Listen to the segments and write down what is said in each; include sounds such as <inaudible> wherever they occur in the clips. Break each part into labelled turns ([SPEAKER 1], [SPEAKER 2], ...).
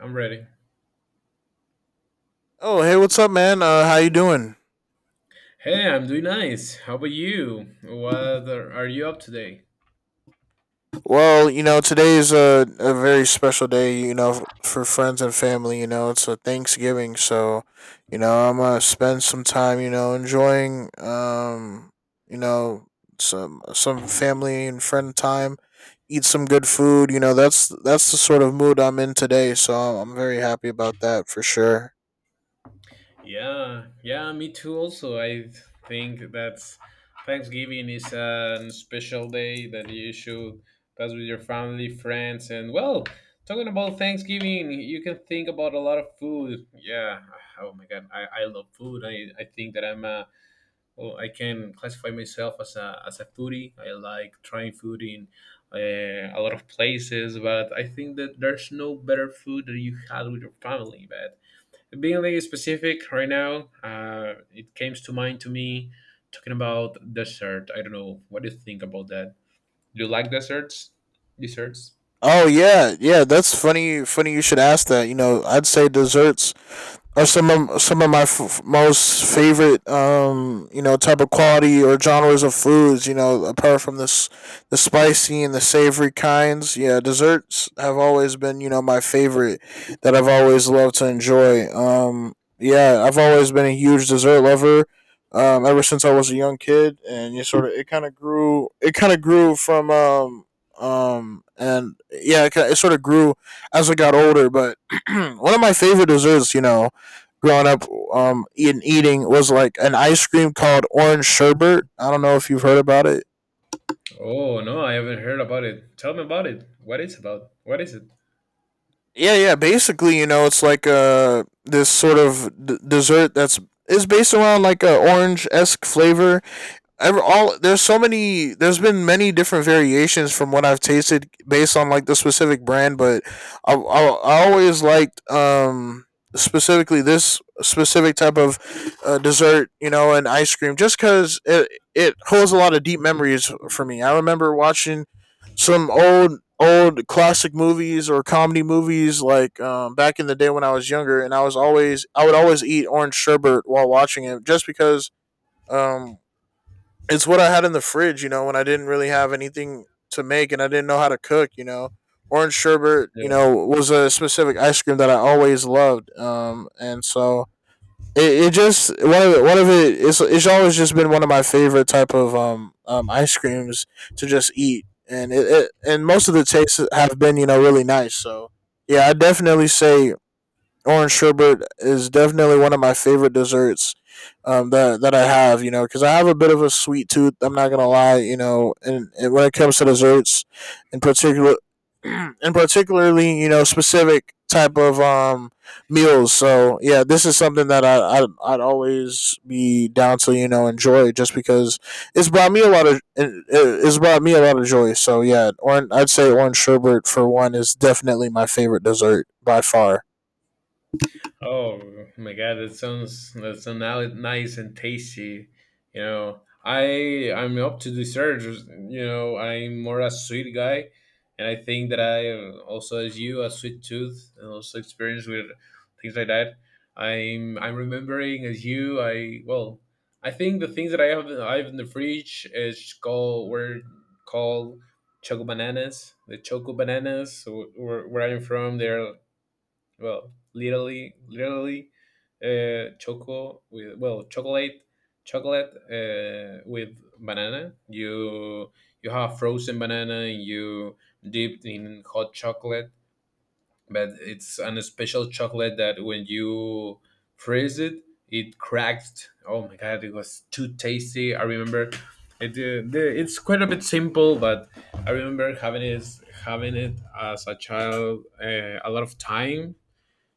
[SPEAKER 1] I'm ready.
[SPEAKER 2] Oh, hey, what's up, man? How you doing?
[SPEAKER 1] Hey, I'm doing nice. How about you? What are you up today?
[SPEAKER 2] Today is a very special day, for friends and family. It's a Thanksgiving, so, I'm gonna spend some time, enjoying, you know, some family and friend time, eat some good food. That's the sort of mood I'm in today, so I'm very happy about that for sure.
[SPEAKER 1] Yeah, yeah, me too. Also, I think that's Thanksgiving is a special day that you should pass with your family, friends, and well, talking about Thanksgiving, you can think about a lot of food. Yeah. Oh my God, I love food. I think that I'm a well, I can classify myself as a foodie. I like trying food in a lot of places, but I think that there's no better food that you had with your family. But being like specific right now, it came to mind to me talking about dessert. I don't know what do you think about that. Do you like desserts? Desserts?
[SPEAKER 2] Oh yeah, yeah, that's funny you should ask that. You know, I'd say desserts are some of my most favorite you know type of quality or genres of foods, you know, apart from this the spicy and the savory kinds. Yeah, desserts have always been, you know, my favorite that I've always loved to enjoy. Yeah, I've always been a huge dessert lover ever since I was a young kid, and you sort of it kind of grew from and yeah it sort of grew as I got older. But <clears throat> one of my favorite desserts, you know, growing up in eating was like an ice cream called orange sherbet. I don't know if you've heard about it.
[SPEAKER 1] Oh no, I haven't heard about it. Tell me about it. What is about? What is it?
[SPEAKER 2] Yeah, yeah. Basically, you know, it's like a this sort of dessert that's is based around like a orange esque flavor ever all. There's so many, there's been many different variations from what I've tasted based on like the specific brand. But I always liked, specifically this specific type of dessert, you know, and ice cream, just cuz it it holds a lot of deep memories for me. I remember watching some old classic movies or comedy movies, like, back in the day when I was younger, and I would always eat orange sherbet while watching it, just because um it's what I had in the fridge, you know, when I didn't really have anything to make, and I didn't know how to cook, you know. Orange sherbet, you
[SPEAKER 1] Yeah.
[SPEAKER 2] know, was a specific ice cream that I always loved. And so it just one of it it's always just been one of my favorite type of ice creams to just eat. And it and most of the tastes have been, you know, really nice. So yeah, I definitely say orange sherbet is definitely one of my favorite desserts, that I have. You know, because I have a bit of a sweet tooth. I'm not gonna lie. You know, and when it comes to desserts, in particular, <clears throat> and particularly, you know, specific type of meals. So yeah, this is something that I'd always be down to, you know, enjoy, just because it, it's brought me a lot of joy. So yeah, orange, I'd say orange sherbet for one is definitely my favorite dessert by far.
[SPEAKER 1] Oh my god, that sounds nice and tasty. You know, I'm up to desserts. You know, I'm more a sweet guy, and I think that I also, as you, a sweet tooth, and also experience with things like that. I'm remembering as you. I well, I think the things that I have in the fridge is called were called choco bananas. The choco bananas, where I'm from, they're well literally choco with well chocolate with banana. You have frozen banana and you dipped in hot chocolate, but it's an special chocolate that when you freeze it it cracked. Oh my god, it was too tasty. I remember it, it's quite a bit simple, but I remember having it as a child, a lot of time,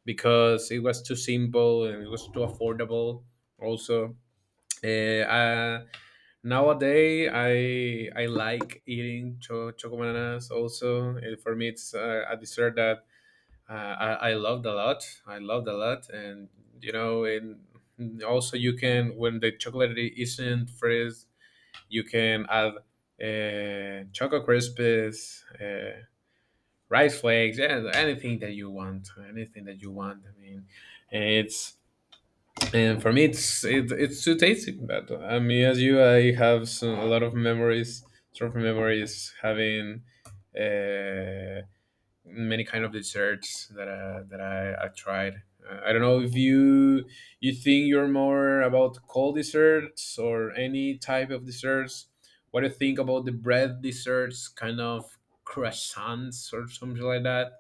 [SPEAKER 1] because it was too simple and it was too affordable. Also, uh, uh, nowadays I like eating choco bananas. Also, uh, for me, it's a dessert that uh, I loved a lot. I loved a lot, and you know, and also you can when the chocolate isn't fresh, you can add choco crispies. Rice flakes and anything that you want. I mean, it's and for me, it's too tasty. But I mean, as you, I have a lot of memories, sort of memories having, uh, many kind of desserts that that I tried. I don't know if you think you're more about cold desserts or any type of desserts. What do you think about the bread desserts, kind of croissants or something like that?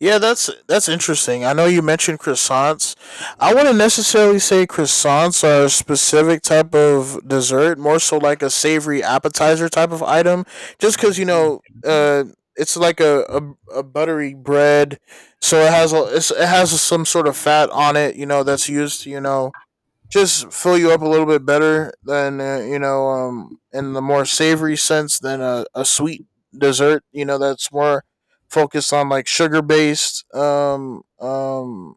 [SPEAKER 2] Yeah, that's interesting. I know you mentioned croissants. I wouldn't necessarily say croissants are a specific type of dessert, more so like a savory appetizer type of item. Just because, you know, it's like a buttery bread, so it's, it has some sort of fat on it. You know, that's used to, you know, just fill you up a little bit better than, you know, in the more savory sense than a sweet dessert, you know, that's more focused on like sugar based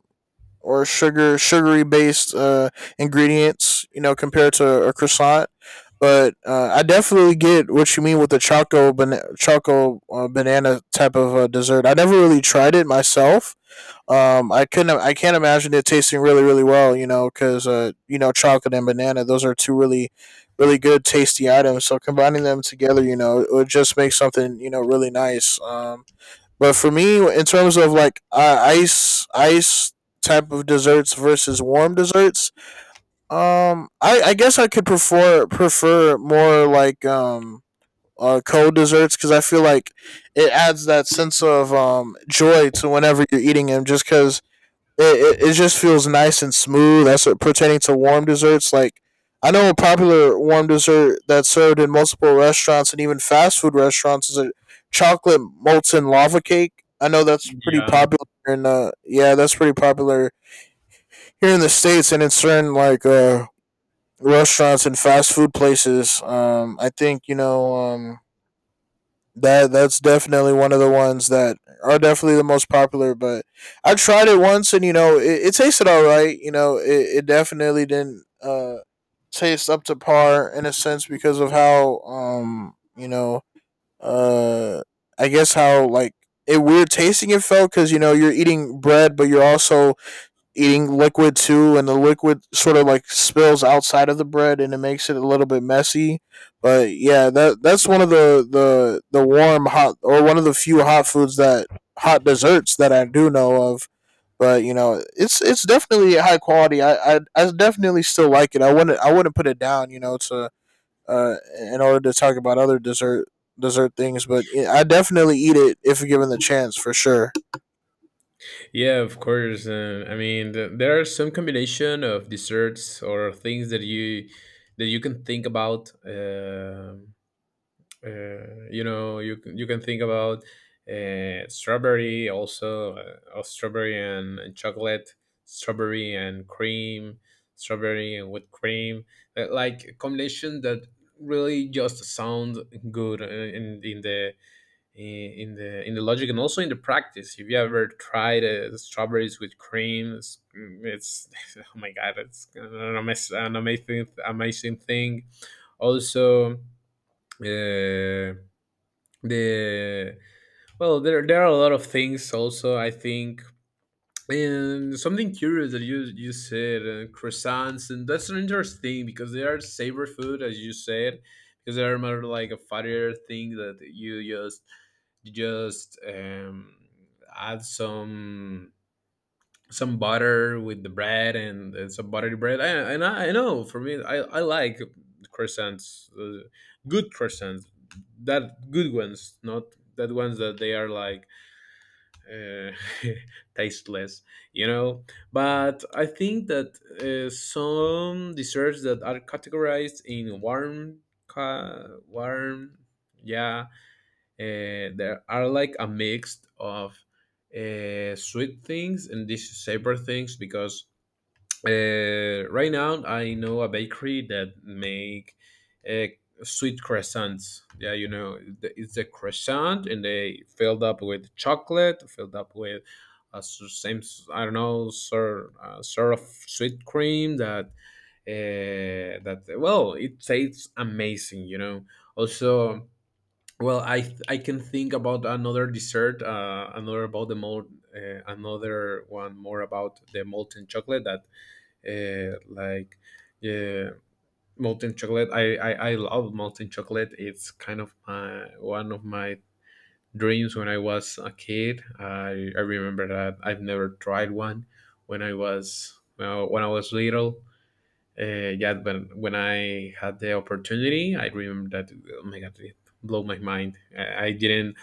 [SPEAKER 2] or sugary based ingredients, you know, compared to a croissant. But I definitely get what you mean with the choco, banana type of dessert. I never really tried it myself. I couldn't. I can't imagine it tasting really, really well. You know, because, you know, chocolate and banana. Those are two really, really good, tasty items. So combining them together, you know, it would just make something, you know, really nice. But for me, in terms of like, ice type of desserts versus warm desserts, I guess I could prefer more like, cold desserts, because I feel like it adds that sense of joy to whenever you're eating them, just because it just feels nice and smooth. That's what, pertaining to warm desserts. Like, I know a popular warm dessert that's served in multiple restaurants and even fast food restaurants is a chocolate molten lava cake. I know that's pretty
[SPEAKER 1] Yeah,
[SPEAKER 2] popular in, yeah, that's pretty popular here in the states and in certain like, restaurants and fast food places. I think, you know, that's definitely one of the ones that are definitely the most popular. But I tried it once, and you know, it tasted all right. You know, it definitely didn't taste up to par in a sense, because of how, you know, uh I guess how like it weird tasting it felt, because you know, you're eating bread, but you're also eating liquid too, and the liquid sort of like spills outside of the bread, and it makes it a little bit messy. But yeah, that that's one of the warm hot, or one of the few hot desserts that I do know of. But you know, it's definitely high quality. I definitely still like it. I wouldn't put it down, you know, to in order to talk about other dessert things. But yeah, I definitely eat it if given the chance for sure.
[SPEAKER 1] yeah, of course. I mean, there are some combination of desserts or things that you can think about. You know, you you can think about strawberry also, of strawberry and chocolate, strawberry and cream, strawberry and whipped cream, uh, like a combination that really just sound good, in the I- in the logic and also in the practice. If you ever tried strawberries with cream, it's <laughs> oh my god, it's an an amazing amazing thing. Also, the well, there are a lot of things. Also, I think and something curious that you said, croissants, and that's an interesting thing because they are savory food, as you said, because they are more like a fattier thing that you just add some butter with the bread and some buttery bread. And I know for me, I like croissants, good croissants, that good ones, not that ones that they are like uh, <laughs> tasteless, you know. But I think that some desserts that are categorized in warm, ca- warm, yeah, there are like a mix of sweet things and these savory things because right now, I know a bakery that make uh, sweet croissants. Yeah, you know, it's a croissant, and they filled up with chocolate, filled up with I don't know sort of sweet cream that that well, it tastes amazing. You know, also. Well, I can think about another dessert, another one more about the molten chocolate that uh, like yeah, molten chocolate. I love molten chocolate. It's kind of my one of my dreams when I was a kid. I remember that I've never tried one when I was well, when I was little. Yeah, but when I had the opportunity, I remember that. Oh my god, it blew my mind. I didn't.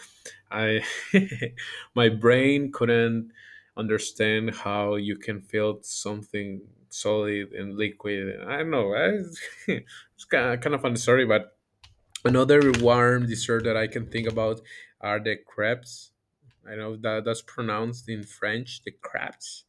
[SPEAKER 1] I <laughs> my brain couldn't understand how you can feel something solid and liquid. I don't know. I, <laughs> it's kind of funny story, but another warm dessert that I can think about are the crepes. I know that that's pronounced in French, the crepes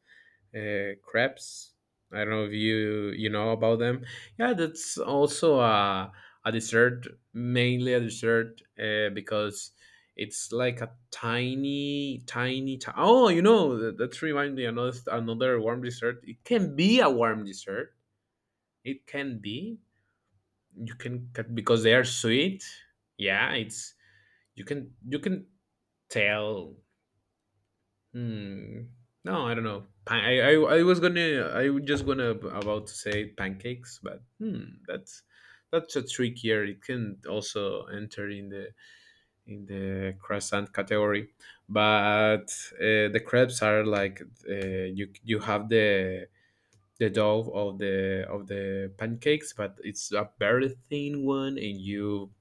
[SPEAKER 1] crepes. I don't know if you know about them. Yeah, that's also a dessert, mainly a dessert, because it's like a tiny. Oh, you know that, that reminds me another warm dessert. It can be a warm dessert. It can be. You can because they are sweet. Yeah, it's you can tell. Hmm. No, I don't know. Pa- I was gonna I was just gonna about to say pancakes, but hmm, that's a trickier. It can also enter in the croissant category, but the crepes are like you you have the dough of the pancakes, but it's a very thin one, and you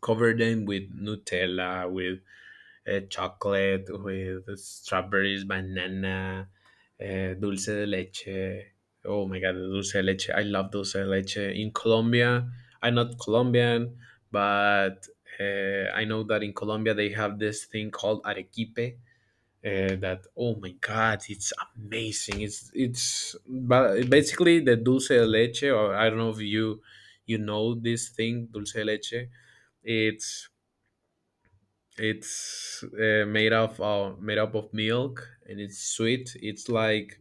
[SPEAKER 1] cover them with Nutella, with chocolate, with strawberries, banana, dulce de leche. Oh my god, the dulce de leche! I love dulce de leche. In Colombia, I'm not Colombian, but I know that in Colombia they have this thing called arequipe. That oh my god, it's amazing. It's but basically the dulce de leche, or I don't know if you know this thing, dulce de leche. It's it's made of, made up of milk and it's sweet. It's like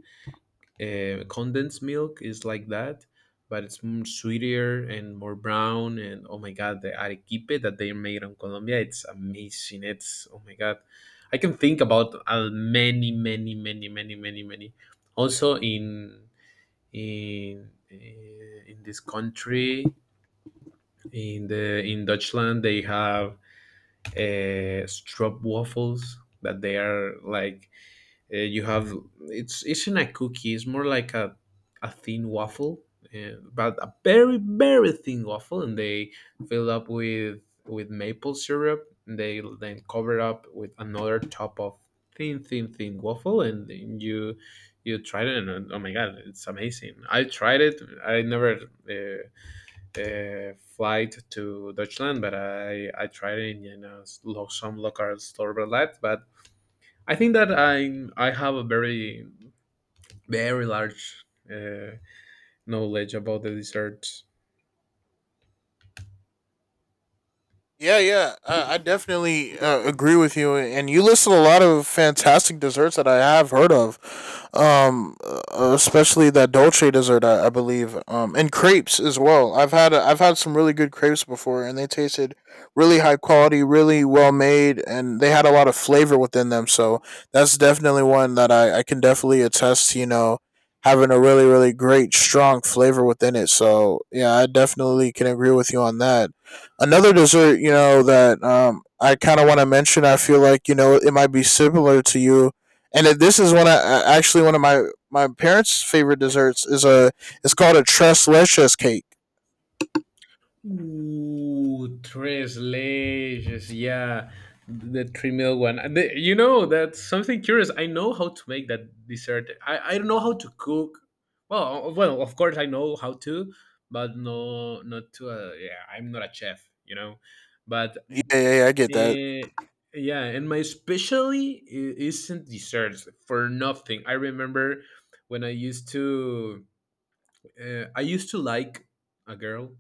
[SPEAKER 1] condensed milk is like that, but it's sweeter and more brown. And oh my god, the arequipe that they made in Colombia, it's amazing. It's oh my god, I can think about many, many, many, many, many, many. Also in in this country in the in Dutchland they have strop waffles that they are like you have it's not a cookie, it's more like a thin waffle, but a very very thin waffle, and they fill up with maple syrup, and they then cover up with another top of thin waffle, and then you tried it, and oh my god, it's amazing. I tried it. I never, uh, flight to Deutschland, but I tried it in some local store outlets. But I think that I have a very very large uh, knowledge about the dessert.
[SPEAKER 2] Yeah, yeah, I definitely agree with you, and you listed a lot of fantastic desserts that I have heard of, um, uh, especially that dolce dessert, I believe, and crepes as well. I've had some really good crepes before, and they tasted really high quality, really well made, and they had a lot of flavor within them. So that's definitely one that I can definitely attest to. You know, having a really really great strong flavor within it. So yeah, I definitely can agree with you on that. Another dessert, you know, that, I kind of want to mention, I feel like, you know, it might be similar to you, and it, this is one actually one of my parents' favorite desserts is a it's called a tres leches cake.
[SPEAKER 1] Ooh, tres leches. Yeah, the three meal one. You know, that's something curious. I know how to make that dessert. I don't know how to cook. Well, well, of course I know how to, but no, not to. Yeah, I'm not a chef. You know, but
[SPEAKER 2] Yeah, yeah, yeah, I get that.
[SPEAKER 1] uh, yeah, and my specialty isn't desserts for nothing. I remember when I used to like a girl,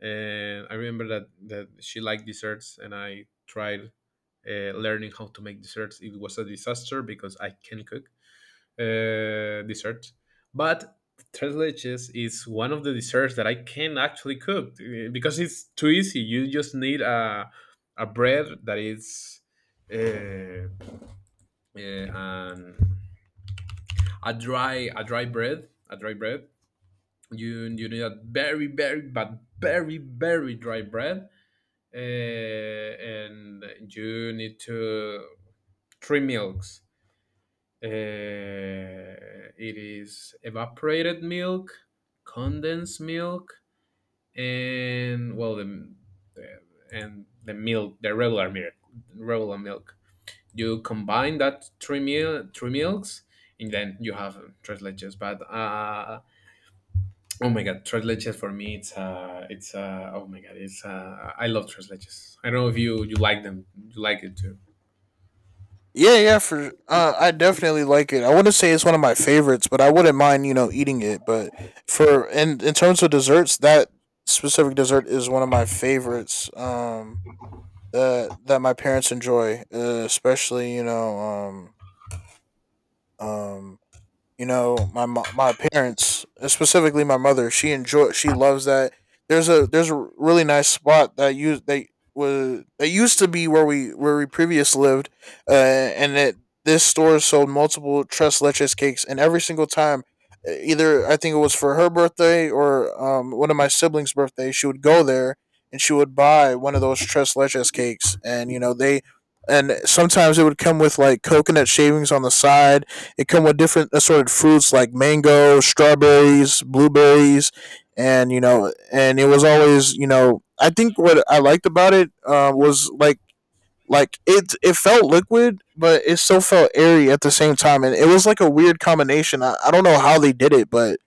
[SPEAKER 1] and I remember that she liked desserts, and I tried learning how to make desserts. It was a disaster because I can cook desserts, but tres leches is one of the desserts that I can actually cook because it's too easy. You just need a bread that is. Uh, and a dry bread, a dry bread you you need a very very but very very dry bread, and you need to three milks, it is evaporated milk, condensed milk, and well the the milk, the regular milk regular milk, you combine that three milks, and then you have tres leches. But oh my god, tres leches for me it's uh oh my god it's I love tres leches. I don't know if you like them, you like it too.
[SPEAKER 2] Yeah, yeah, for, I definitely like it. I wouldn't say it's one of my favorites, but I wouldn't mind, you know, eating it. But for in terms of desserts, that specific dessert is one of my favorites. That that my parents enjoy, especially, you know, Um, you know, my my parents, specifically my mother, she loves that. There's a really nice spot that used they was that used to be where we previous lived, and it this store sold multiple tres leches cakes, and every single time, either I think it was for her birthday or one of my siblings' birthday, she would go there and she would buy one of those tres leches cakes, and you know they and sometimes it would come with like coconut shavings on the side, it come with different assorted fruits like mango, strawberries, blueberries, and you know, and it was always, you know, I think what I liked about it, was like it it felt liquid, but it still felt airy at the same time, and it was like a weird combination. I don't know how they did it, but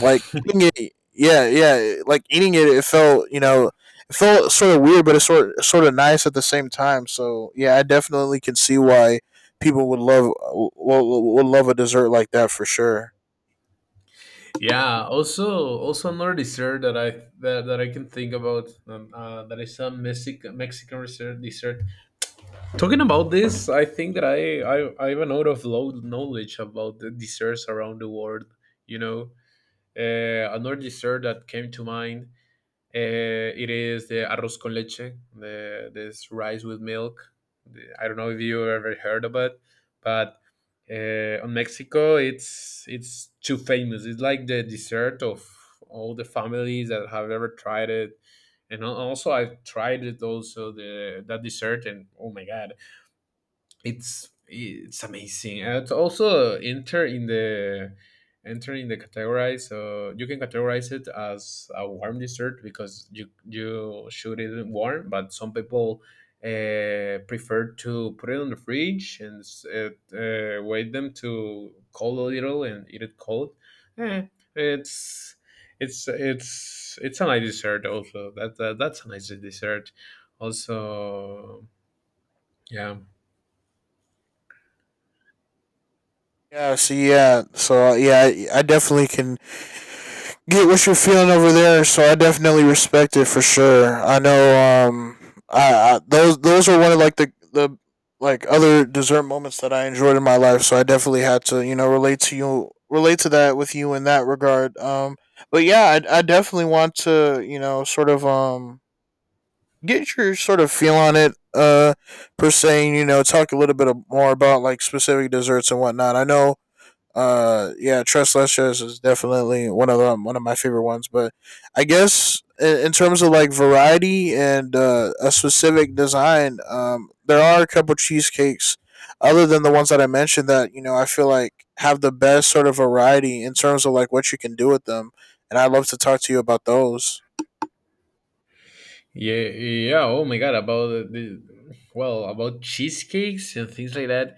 [SPEAKER 2] like eating it, yeah, yeah. Like eating it, it felt, you know, it felt sort of weird, but it's sort of nice at the same time. So yeah, I definitely can see why people would love a dessert like that for sure.
[SPEAKER 1] Yeah. Also also another dessert that that I can think about, that is a Mexican dessert dessert. Talking about this, I think that I have a note of low knowledge about the desserts around the world. You know, another dessert that came to mind, it is the arroz con leche, this rice with milk. I don't know if you ever heard of it, but on Mexico, it's too famous. It's like the dessert of all the families that have ever tried it. And also, I've tried it also the that dessert, and oh my god, it's amazing. It's also enter in the categorize. So you can categorize it as a warm dessert because you should eat it warm, but some people prefer to put it on the fridge and wait them to cool a little and eat it cold. Eh, it's it's a nice dessert also. That's a nice dessert. Also, yeah.
[SPEAKER 2] Yeah. So yeah, I definitely can get what you're feeling over there. So I definitely respect it for sure. I know, I those are one of like the like other dessert moments that I enjoyed in my life. So I definitely had to, you know, relate to that with you in that regard. But yeah, I definitely want to sort of get your sort of feel on it per se, and, talk a little more about like specific desserts and whatnot. I know yeah, tres leches is definitely one of them, one of my favorite ones. But I guess in terms of like variety and a specific design, there are a couple cheesecakes other than the ones that I mentioned that you know I feel like have the best sort of variety in terms of like what you can do with them, and I'd love to talk to you about those.
[SPEAKER 1] Yeah, yeah. Oh my god, about about cheesecakes and things like that.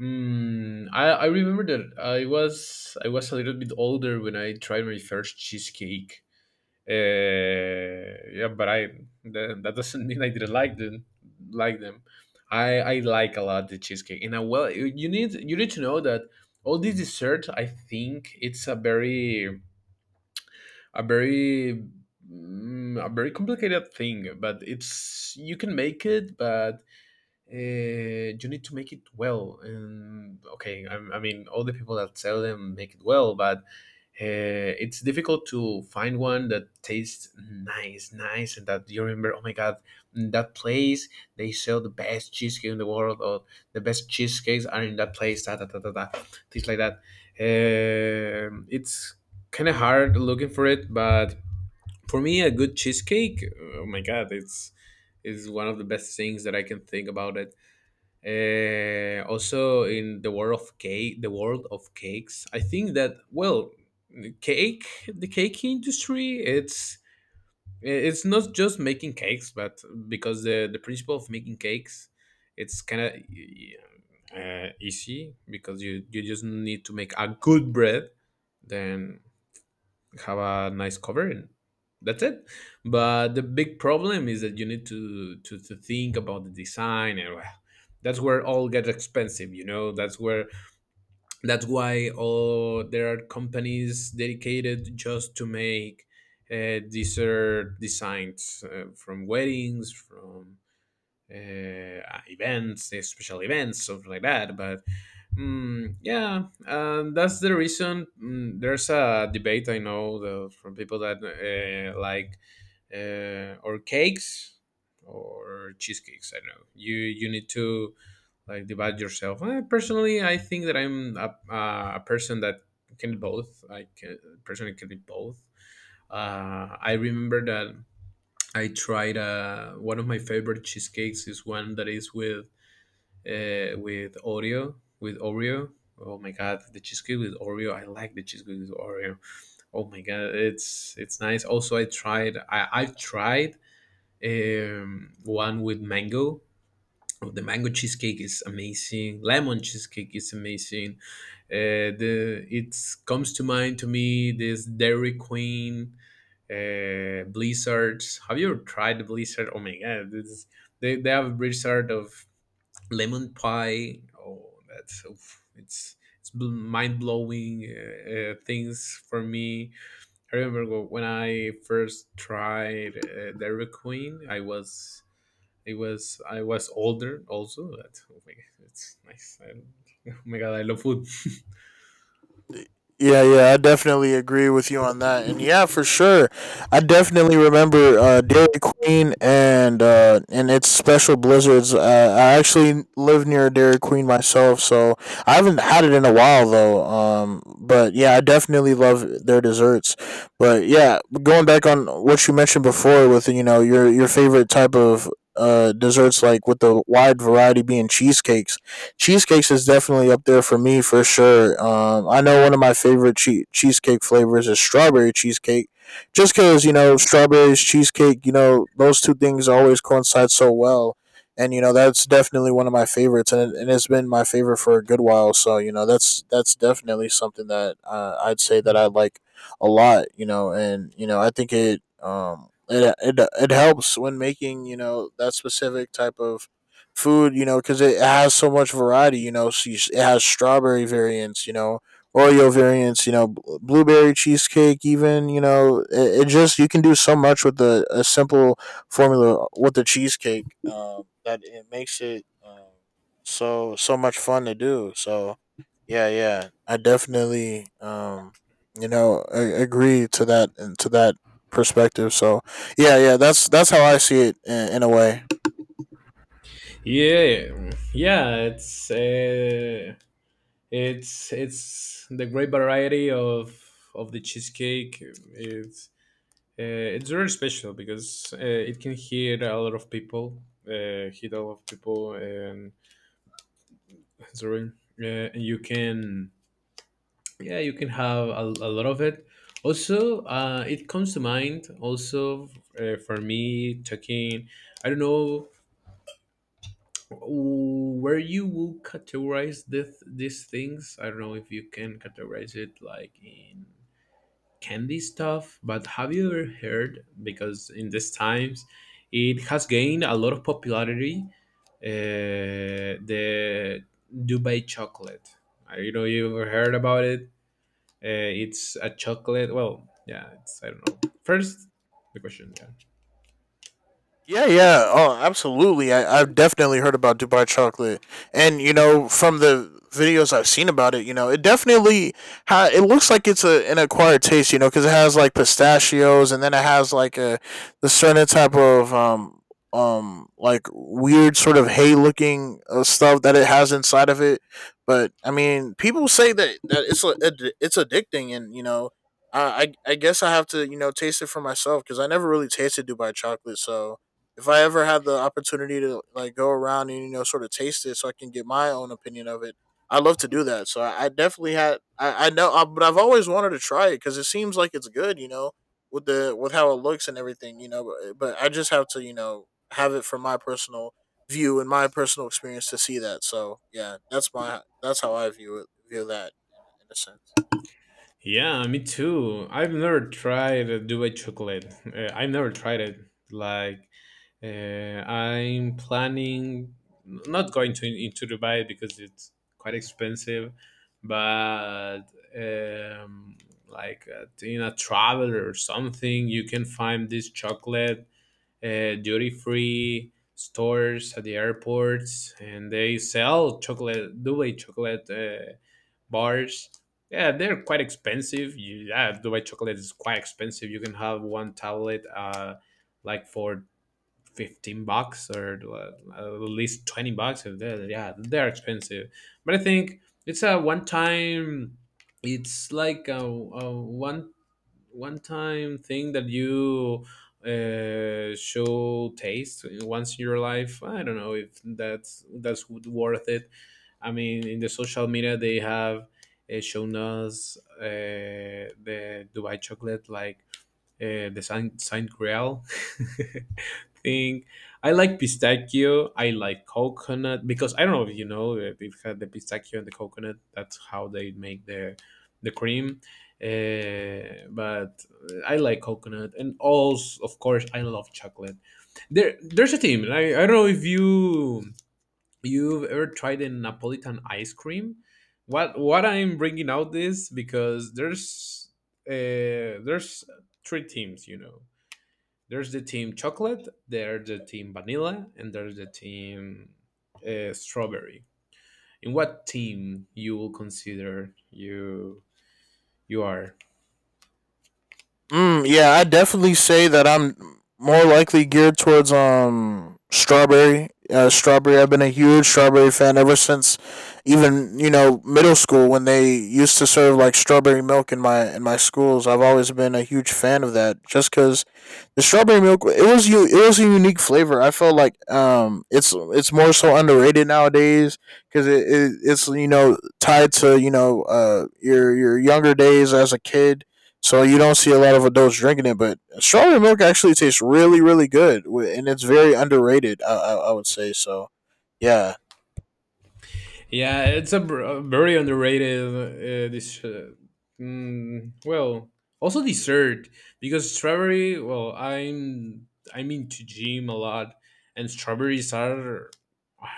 [SPEAKER 1] Mm, I remember that I was a little bit older when I tried my first cheesecake. Yeah, but that doesn't mean I didn't like them. Like them, I like a lot the cheesecake. And I, well, you need to know that all these desserts. I think it's a very a very a very complicated thing but it's you can make it but you need to make it well and okay I mean all the people that sell them make it well but it's difficult to find one that tastes nice and that you remember oh my god in that place they sell the best cheesecake in the world or the best cheesecakes are in that place da da da da da things like that. Um, it's kind of hard looking for it but for me a good cheesecake oh my god it's is one of the best things that I can think about it. Also in the world of cake the world of cakes I think that well the cake the cake industry it's not just making cakes but because the principle of making cakes it's kind of easy because you just need to make a good bread then have a nice cover and that's it. But the big problem is that you need to think about the design and well, that's where all gets expensive you know. That's where that's why all there are companies dedicated just to make dessert designs from weddings from uh, events, special events, something like that. But mm, yeah, that's the reason. Mm, there's a debate I know, the from people that like or cakes or cheesecakes. I know you you need to like divide yourself. Personally, I think that I'm a person that can do both. I can personally can do both. I remember that I tried one of my favorite cheesecakes is one that is with Oreo, with Oreo. Oh my god, the cheesecake with Oreo. I like the cheesecake with Oreo. Oh my god, it's nice. Also, I tried. I've tried one with mango. Oh, the mango cheesecake is amazing. Lemon cheesecake is amazing. The it comes to mind to me this Dairy Queen Blizzards. Have you ever tried the Blizzard? Oh my god, this is, they have a Blizzard of lemon pie. Oh, that's oof, it's mind blowing things for me. I remember when I first tried Dairy Queen. I was older also. That oh my god, it's nice. I, <laughs> oh my god, I love food.
[SPEAKER 2] Yeah, yeah, I definitely agree with you on that. And yeah, for sure. I definitely remember Dairy Queen and its special blizzards. I actually live near a Dairy Queen myself, so I haven't had it in a while though. But yeah, I definitely love their desserts. But yeah, going back on what you mentioned before with you know your favorite type of desserts, like with the wide variety being cheesecakes, cheesecakes is definitely up there for me for sure. I know one of my favorite cheesecake flavors is strawberry cheesecake, just because you know strawberries, cheesecake. You know those two things always coincide so well, and you know that's definitely one of my favorites, and it's been my favorite for a good while. So you know that's definitely something that I'd say that I like a lot. You know, and you know I think it it helps when making you know that specific type of food, you know, because it has so much variety. You know, so it has strawberry variants, you know, Oreo variants, you know, blueberry cheesecake, even, you know, it just you can do so much with the a simple formula with the cheesecake, that it makes it so so much fun to do. So yeah, yeah, I definitely you know agree to that and to that perspective. So yeah, yeah, that's how I see it in a way.
[SPEAKER 1] Yeah, yeah. It's the great variety of the cheesecake. It's Uh, it's very special because it can hit a lot of people, hit a lot of people, and <laughs> sorry, uh, and you can, yeah, you can have a lot of it. Also, it comes to mind. Also, for me, talking, I don't know where you will categorize this these things. I don't know if you can categorize it like in candy stuff, but have you ever heard? Because in these times, it has gained a lot of popularity. The Dubai chocolate. I don't know you ever heard about it. It's a chocolate. Well, yeah, it's I don't know. First, the question. Yeah.
[SPEAKER 2] Yeah, yeah. Oh, absolutely. I've definitely heard about Dubai chocolate, and you know, from the videos I've seen about it, you know, it definitely it looks like it's a an acquired taste, you know, because it has like pistachios, and then it has like a the certain type of like weird sort of hay looking stuff that it has inside of it. But I mean, people say that it's a, it's addicting, and you know. I, I guess I have to you know taste it for myself because I never really tasted Dubai chocolate. So if I ever had the opportunity to like go around and you know sort of taste it, so I can get my own opinion of it, I love to do that. So I definitely had but I've always wanted to try it because it seems like it's good, you know, with the with how it looks and everything, you know. But I just have to you know have it from my personal view and my personal experience to see that. So yeah, that's how I view that in a sense.
[SPEAKER 1] Yeah, me too. I've never tried a duvet chocolate. I've never tried it. Like, uh, I'm planning not going to into Dubai because it's quite expensive, but um, like in a travel or something, you can find this chocolate duty free stores at the airports, and they sell chocolate Dubai chocolate bars. Yeah, they're quite expensive. You, yeah, Dubai chocolate is quite expensive. You can have one tablet, like for $15 or at least $20. So they're- Yeah, they're expensive, but I think it's a one time. It's like a, a one time thing that you show taste once in your life. I don't know if that's worth it. I mean, in the social media, they have shown us the Dubai chocolate like the Saint Grail <laughs> thing. I like pistachio. I like coconut because I don't know if you know if it had the pistachio and the coconut. That's how they make the cream. But I like coconut and also of course I love chocolate. There's a team. I don't know if you you've ever tried a Napolitan ice cream? What I'm bringing out this because there's uh, there's three teams, you know. There's the team chocolate, there's the team vanilla, and there's the team strawberry. In what team you will consider you you are?
[SPEAKER 2] Mm, yeah, I definitely say that I'm more likely geared towards strawberry. Strawberry. I've been a huge strawberry fan ever since, even you know middle school when they used to serve like strawberry milk in my schools. I've always been a huge fan of that, just because the strawberry milk it was you it was a unique flavor. I felt like it's more so underrated nowadays because it it's you know tied to you know your younger days as a kid, so you don't see a lot of adults drinking it. But strawberry milk actually tastes really, really good, and it's very underrated. I would say so. Yeah,
[SPEAKER 1] Yeah, it's a, br- a very underrated this. Well, also dessert because strawberry. Well, I'm into gym a lot, and strawberries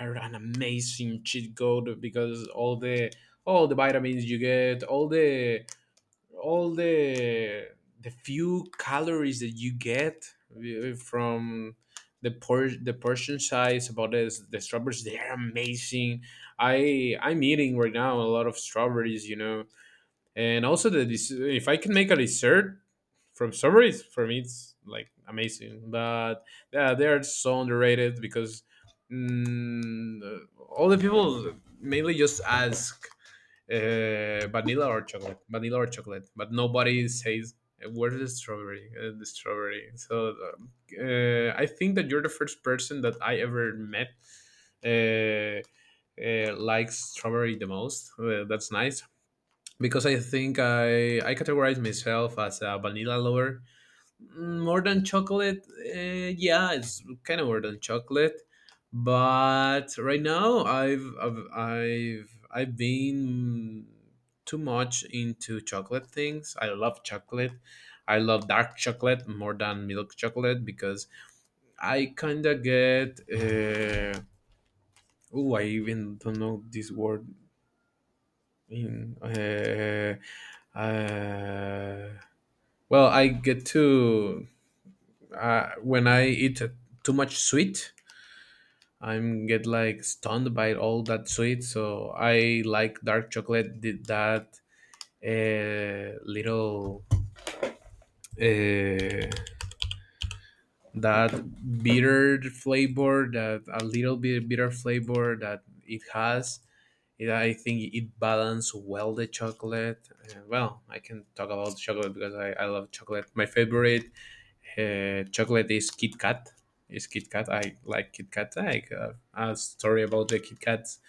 [SPEAKER 1] are an amazing cheat code because all the vitamins you get, all the few calories that you get from the por- the portion size about this the strawberries they're amazing. I I'm eating right now a lot of strawberries you know, and also the des- if I can make a dessert from strawberries for me it's like amazing but yeah they are so underrated because mm, all the people mainly just ask vanilla or chocolate, vanilla or chocolate. But nobody says where's the strawberry, the strawberry. So I think that you're the first person that I ever met uh, likes strawberry the most. That's nice because I think I categorize myself as a vanilla lover. Mm, more than chocolate, yeah, it's kind of more than chocolate. But right now, I've been too much into chocolate things. I love chocolate. I love dark chocolate more than milk chocolate because I kind of get. Oh, I even don't know this word in. Uh, well, I get to. When I eat too much sweet, I'm get like stunned by all that sweet. So I like dark chocolate. Did that little uh, that bitter flavor, that a little bit bitter flavor that it has. It, I think it balances well the chocolate. Well, I can talk about chocolate because I love chocolate. My favorite chocolate is Kit Kat. Is Kit Kat? I like Kit Kat. I have a story about the Kit Kats,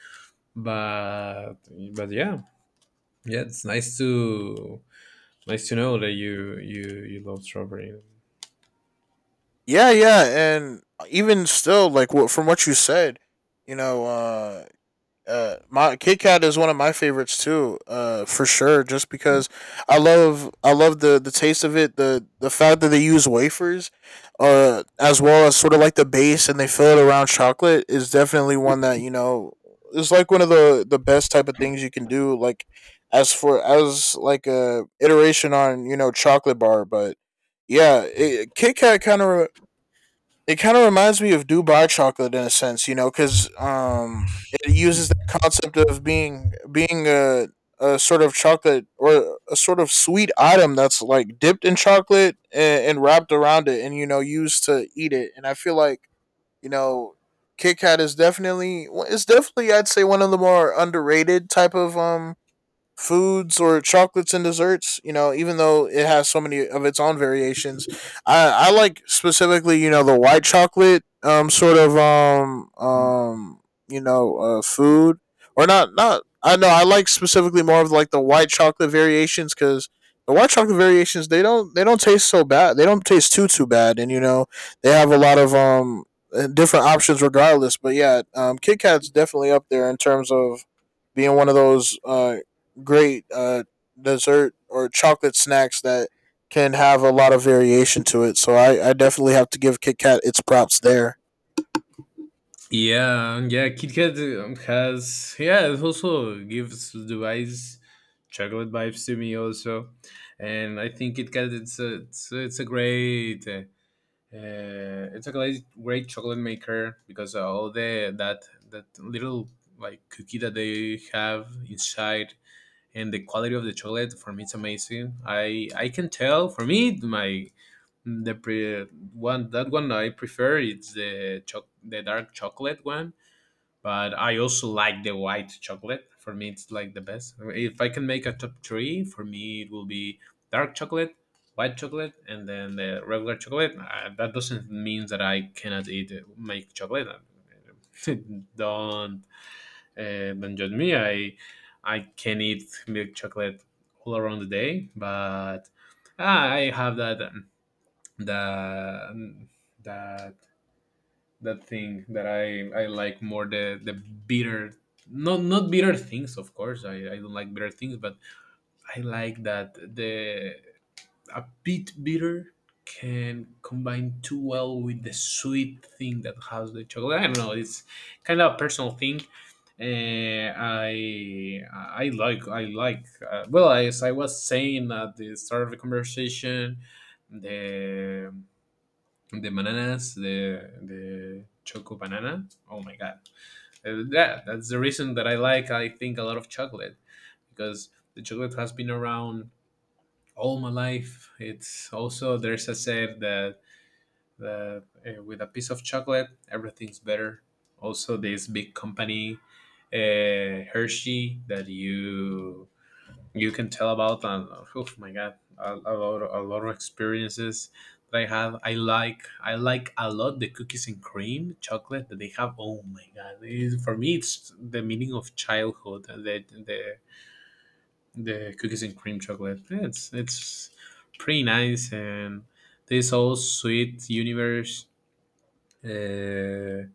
[SPEAKER 1] but but yeah, yeah, it's nice to nice to know that you love strawberry.
[SPEAKER 2] yeah, yeah, and even still, like what from what you said, you know, my Kit Kat is one of my favorites too, for sure. Just because I love the taste of it, the fact that they use wafers, as well as sort of like the base, and they fill it around chocolate is definitely one that you know is like one of the best type of things you can do. Like as for as like a iteration on you know chocolate bar. But yeah, it, Kit Kat kind of it kind of reminds me of Dubai chocolate in a sense, you know, because it uses that concept of being a sort of chocolate or a sort of sweet item that's like dipped in chocolate and wrapped around it, and you know, used to eat it. And I feel like you know, Kit Kat is definitely it's definitely I'd say one of the more underrated type of foods or chocolates and desserts. You know, even though it has so many of its own variations, I like specifically you know the white chocolate sort of you know food or not I know I like specifically more of like the white chocolate variations, because the white chocolate variations they don't taste so bad, they don't taste too bad, and you know they have a lot of different options regardless. But yeah, Kit Kat's definitely up there in terms of being one of those great, dessert or chocolate snacks that can have a lot of variation to it. So I definitely have to give Kit Kat its props there.
[SPEAKER 1] Yeah, yeah, Kit Kat has yeah, it also gives the eyes chocolate vibes to me also, and I think Kit Kat it's a great it's a great, great chocolate maker because all the that that little like cookie that they have inside and the quality of the chocolate for me it's amazing. I can tell for me the pre, one that one I prefer it's the dark chocolate one but I also like the white chocolate. For me, it's like the best. If I can make a top three, for me it will be dark chocolate, white chocolate, and then the regular chocolate. That doesn't mean that I cannot eat make chocolate. <laughs> Don't don't judge me. I can eat milk chocolate all around the day, but ah, I have that the that that thing that I like more the bitter not not bitter things of course, I don't like bitter things, but I like that the a bit bitter can combine too well with the sweet thing that has the chocolate. I don't know, it's kind of a personal thing. I like well as I was saying at the start of the conversation the the bananas, the choco banana. Oh my god! Yeah, that's the reason that I like. I think a lot of chocolate because the chocolate has been around all my life. It's also there's a said that with a piece of chocolate everything's better. Also, this big company, Hershey, that you can tell about. And oh my god, a lot of experiences that I have. I like a lot the cookies and cream chocolate that they have. Oh my god, it, for me it's the meaning of childhood. The the cookies and cream chocolate it's pretty nice, and this whole sweet universe uh,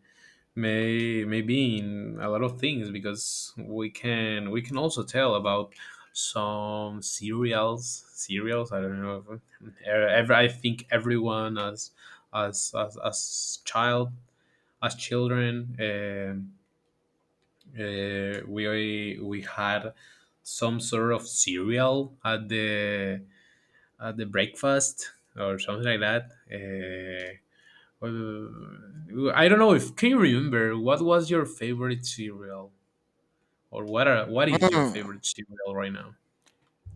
[SPEAKER 1] maybe in a lot of things, because we can also tell about some cereals. I don't know if- ever I think everyone as child as children. We had some sort of cereal at the breakfast or something like that. Uh, I don't know, if can you remember what was your favorite cereal, or what are what is your
[SPEAKER 2] Mm.
[SPEAKER 1] favorite cereal right now?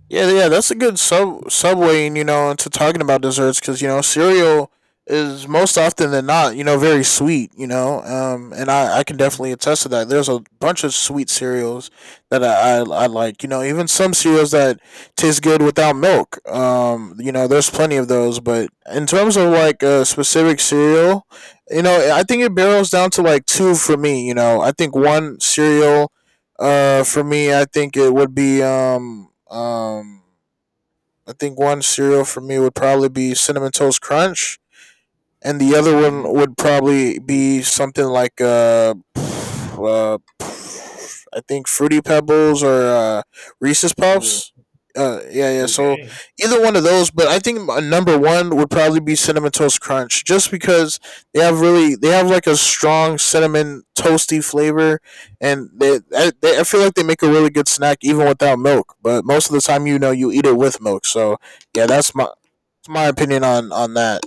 [SPEAKER 2] Yeah, yeah, that's a good sub subway, you know, into talking about desserts, because you know cereal is most often than not, you know, very sweet, you know, and I, can
[SPEAKER 1] Mhm.
[SPEAKER 2] definitely attest to that. There's a bunch of sweet cereals that I like, you know, even some cereals that taste good without milk. You know, there's plenty of those, but in terms of like a specific cereal, you know, I think it barrels down to like two for me. You know, I think one cereal for me, I think it would be I think one cereal for me would probably be Cinnamon Toast Crunch, and the other one would probably
[SPEAKER 1] Mm,
[SPEAKER 2] be something like uh I think Fruity Pebbles or Reese's
[SPEAKER 1] oh,
[SPEAKER 2] Puffs. Yeah, yeah. So
[SPEAKER 1] okay.
[SPEAKER 2] either one of those, but I think my number one would probably be Cinnamon Toast Crunch, just because they have really they have like a strong cinnamon toasty flavor, and they I feel like they make a really good snack even without milk. But most of the time, you know, you eat it with milk. So yeah, that's my opinion on that.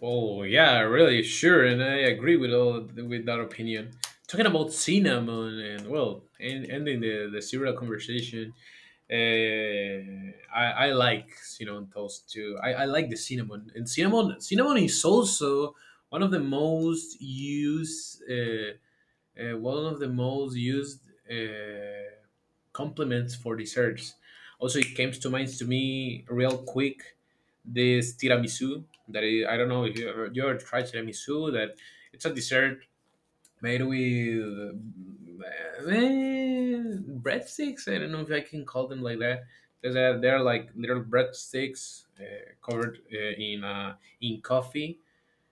[SPEAKER 1] Oh yeah, really sure, and I agree with all with that opinion. Talking about cinnamon and well, and ending the cereal conversation. I like cinnamon toast too. I like the cinnamon and cinnamon. Cinnamon is also one of the most used. One of the most used uh, complements for desserts. Also, it came to mind to me real quick this tiramisu, that I don't know if you ever, you ever tried tiramisu. That it's a dessert made with eh, breadsticks. I don't know if I can call them like that, because they're like little breadsticks covered in in coffee.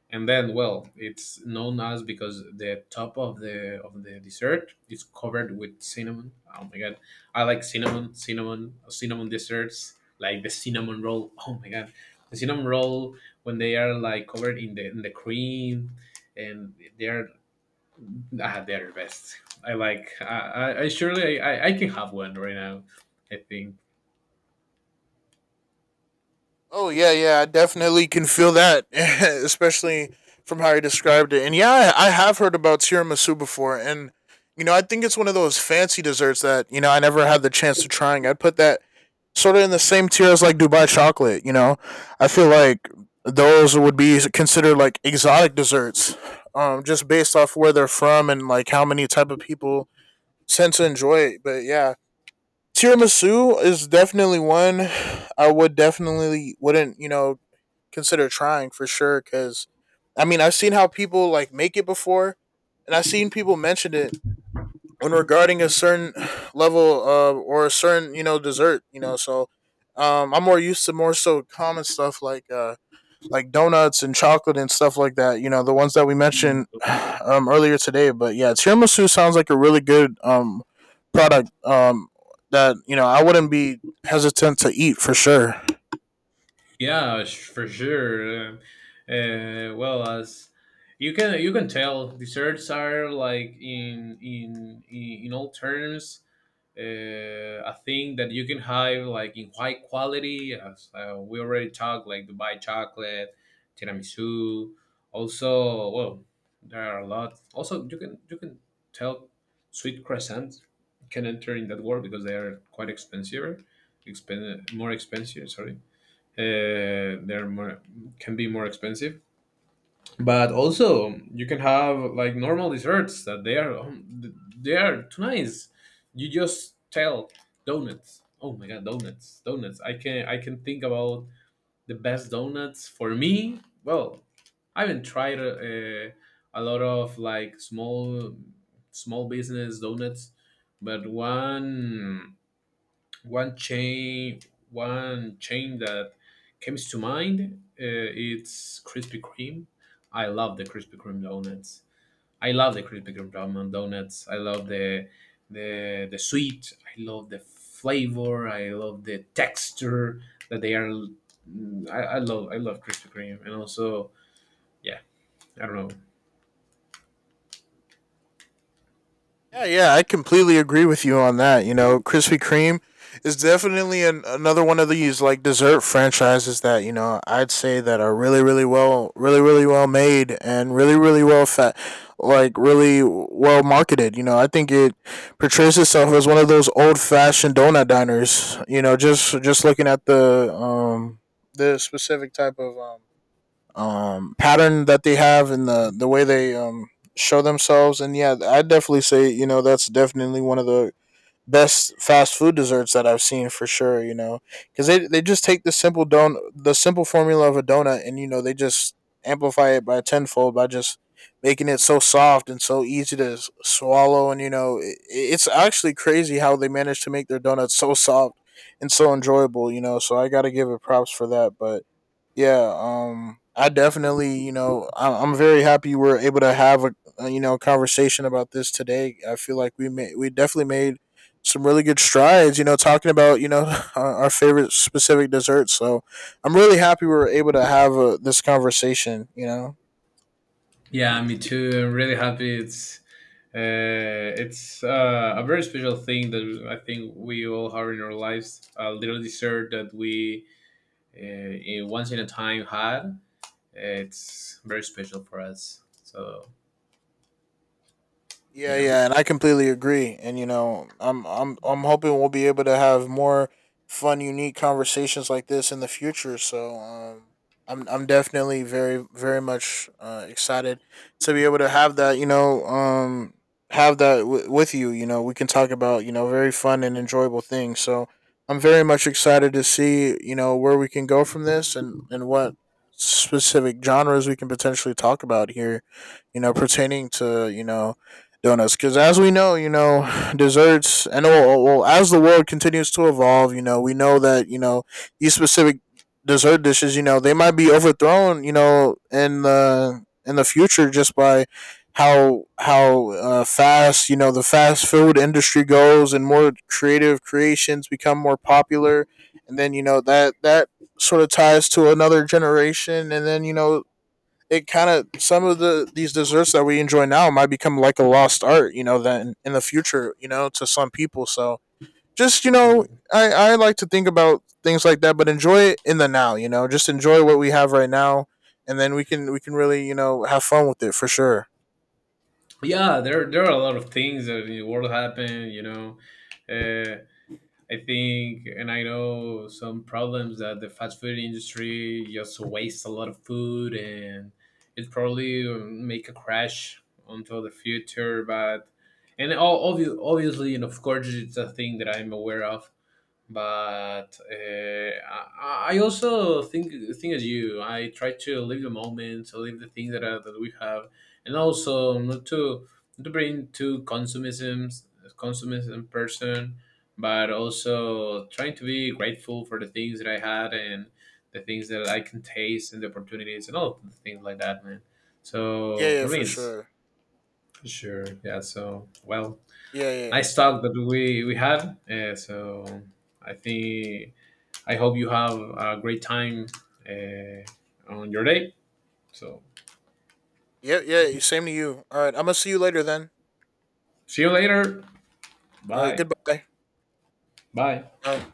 [SPEAKER 1] And then well, it's known as, because the top of the dessert is covered with cinnamon. Oh my god, I like cinnamon, cinnamon desserts like the cinnamon roll. <laughs> Oh my god, the cinnamon roll, when they are like covered in the cream, and they're ah, they're the best. I like I surely, I can have one right now, I think.
[SPEAKER 2] Oh yeah, yeah, I definitely can feel that, <laughs> especially from how you described it. And yeah, I have heard about tiramisu before, and you know, I think it's one of those fancy desserts that you know I never had the chance to trying. I'd put that sort of in the same tier as like Dubai chocolate. You know, I feel like those would be considered like exotic desserts, just based off where they're from and like how many type of people tend to enjoy it. But yeah, tiramisu is definitely one I would definitely wouldn't you know consider trying for sure. Because I mean, I've seen how people like make it before, and I've seen people mention it when regarding a certain <sighs> level or a certain you know dessert. You know, so I'm more used to more so common stuff like donuts and chocolate and stuff like that. You know, the ones that we mentioned <sighs> earlier today. But yeah, tiramisu sounds like a really good product, that you know I wouldn't be hesitant to eat for sure.
[SPEAKER 1] Yeah, sh- for sure. Well, as you can tell, desserts are like in all terms a thing that you can have like in high quality. As we already talked, like Dubai chocolate, tiramisu. Also, well, there are a lot. Also, you can tell sweet croissants can enter in that world, because they are quite expensive, expen- more expensive. Sorry, they're more can be more expensive. But also you can have like normal desserts that they are too nice. You just tell donuts, oh my god, donuts. I can think about the best donuts for me. Well, I haven't tried a lot of like small business donuts. But one chain one chain that comes to mind it's Krispy Kreme. I love the Krispy Kreme donuts. I love the Krispy Kreme ramen donuts. I love the sweet. I love the flavor. I love the texture that they are. I love I love Krispy Kreme. And also, yeah, I don't know.
[SPEAKER 2] Yeah, yeah, I completely agree with you on that. You know, Krispy Kreme is definitely another one of these like dessert franchises that you know I'd say that are really, really well, really, really well made and really, really well fat, like really well marketed. You know, I think it portrays itself as one of those old fashioned donut diners. You know, just looking at the specific type of pattern that they have and the way they show themselves. And yeah, I definitely say you know that's definitely one of the best fast food desserts that I've seen for sure, you know, because they just take the simple formula of a donut, and you know they just amplify it by tenfold by just making it so soft and so easy to swallow. And you know it's actually crazy how they managed to make their donuts so soft and so enjoyable, you know. So I gotta give it props for that. But yeah, I definitely you know I'm very happy we were able to have a you know conversation about this today. I feel like we definitely made some really good strides, you know, talking about you know <laughs> our favorite specific desserts. So I'm really happy we were able to have this conversation, you know.
[SPEAKER 1] Yeah, me too. I'm really happy. It's a very special thing that I think we all have in our lives. A little dessert that we uh, in- once in a time had. It's very special for us. So
[SPEAKER 2] Yeah,
[SPEAKER 1] yeah,
[SPEAKER 2] yeah, and I completely agree. And you know, I'm hoping we'll be able to have more fun, unique conversations like this in the future. So, I'm definitely very very much excited to be able to have that. You know, have that with you. You know, we can talk about you know very fun and enjoyable things. So, I'm very much excited to see you know where we can go from this, and what specific genres we can potentially talk about here. You know, pertaining to you know donuts, because as we know you know <sighs> desserts and well, as the world continues to evolve you know we know that you know these specific dessert dishes you know they might be overthrown you know in the future, just by how fast you know the fast food industry goes, and more creative creations become more popular. And then you know that sort of ties to another generation, and then you know it kind of some of the these desserts that we enjoy now might become like a lost art, you know, then in the future, you know, to some people. So just you know, I like to think about things like that, but enjoy it in the now, you know, just enjoy what we have right now, and then we can really you know have fun with it for sure.
[SPEAKER 1] yeah. There are a lot of things that in the world happen. You know, uh, I think, and I know some problems that the fast food industry just wastes a lot of food, and it probably make a crash until the future. But and obviously, obviously, and of course, it's a thing that I'm aware of. But I also think as you. I try to live the moment, to live the things that are, that we have, and also not to not to bring to consumism consumism person, but also trying to be grateful for the things that I had, and the things that I can taste and the opportunities and all the things like that, man.
[SPEAKER 2] Yeah,
[SPEAKER 1] So
[SPEAKER 2] yeah,
[SPEAKER 1] for me,
[SPEAKER 2] for
[SPEAKER 1] it's
[SPEAKER 2] sure.
[SPEAKER 1] for sure, yeah. So well,
[SPEAKER 2] Yeah, yeah,
[SPEAKER 1] nice talk that we had. So I think I hope you have a great time uh, on your day. So
[SPEAKER 2] yeah, yeah. Same to you. All right, I'm gonna see you later then.
[SPEAKER 1] see you later.
[SPEAKER 2] All right,
[SPEAKER 1] Bye.
[SPEAKER 2] goodbye.
[SPEAKER 1] Bye.
[SPEAKER 2] All right.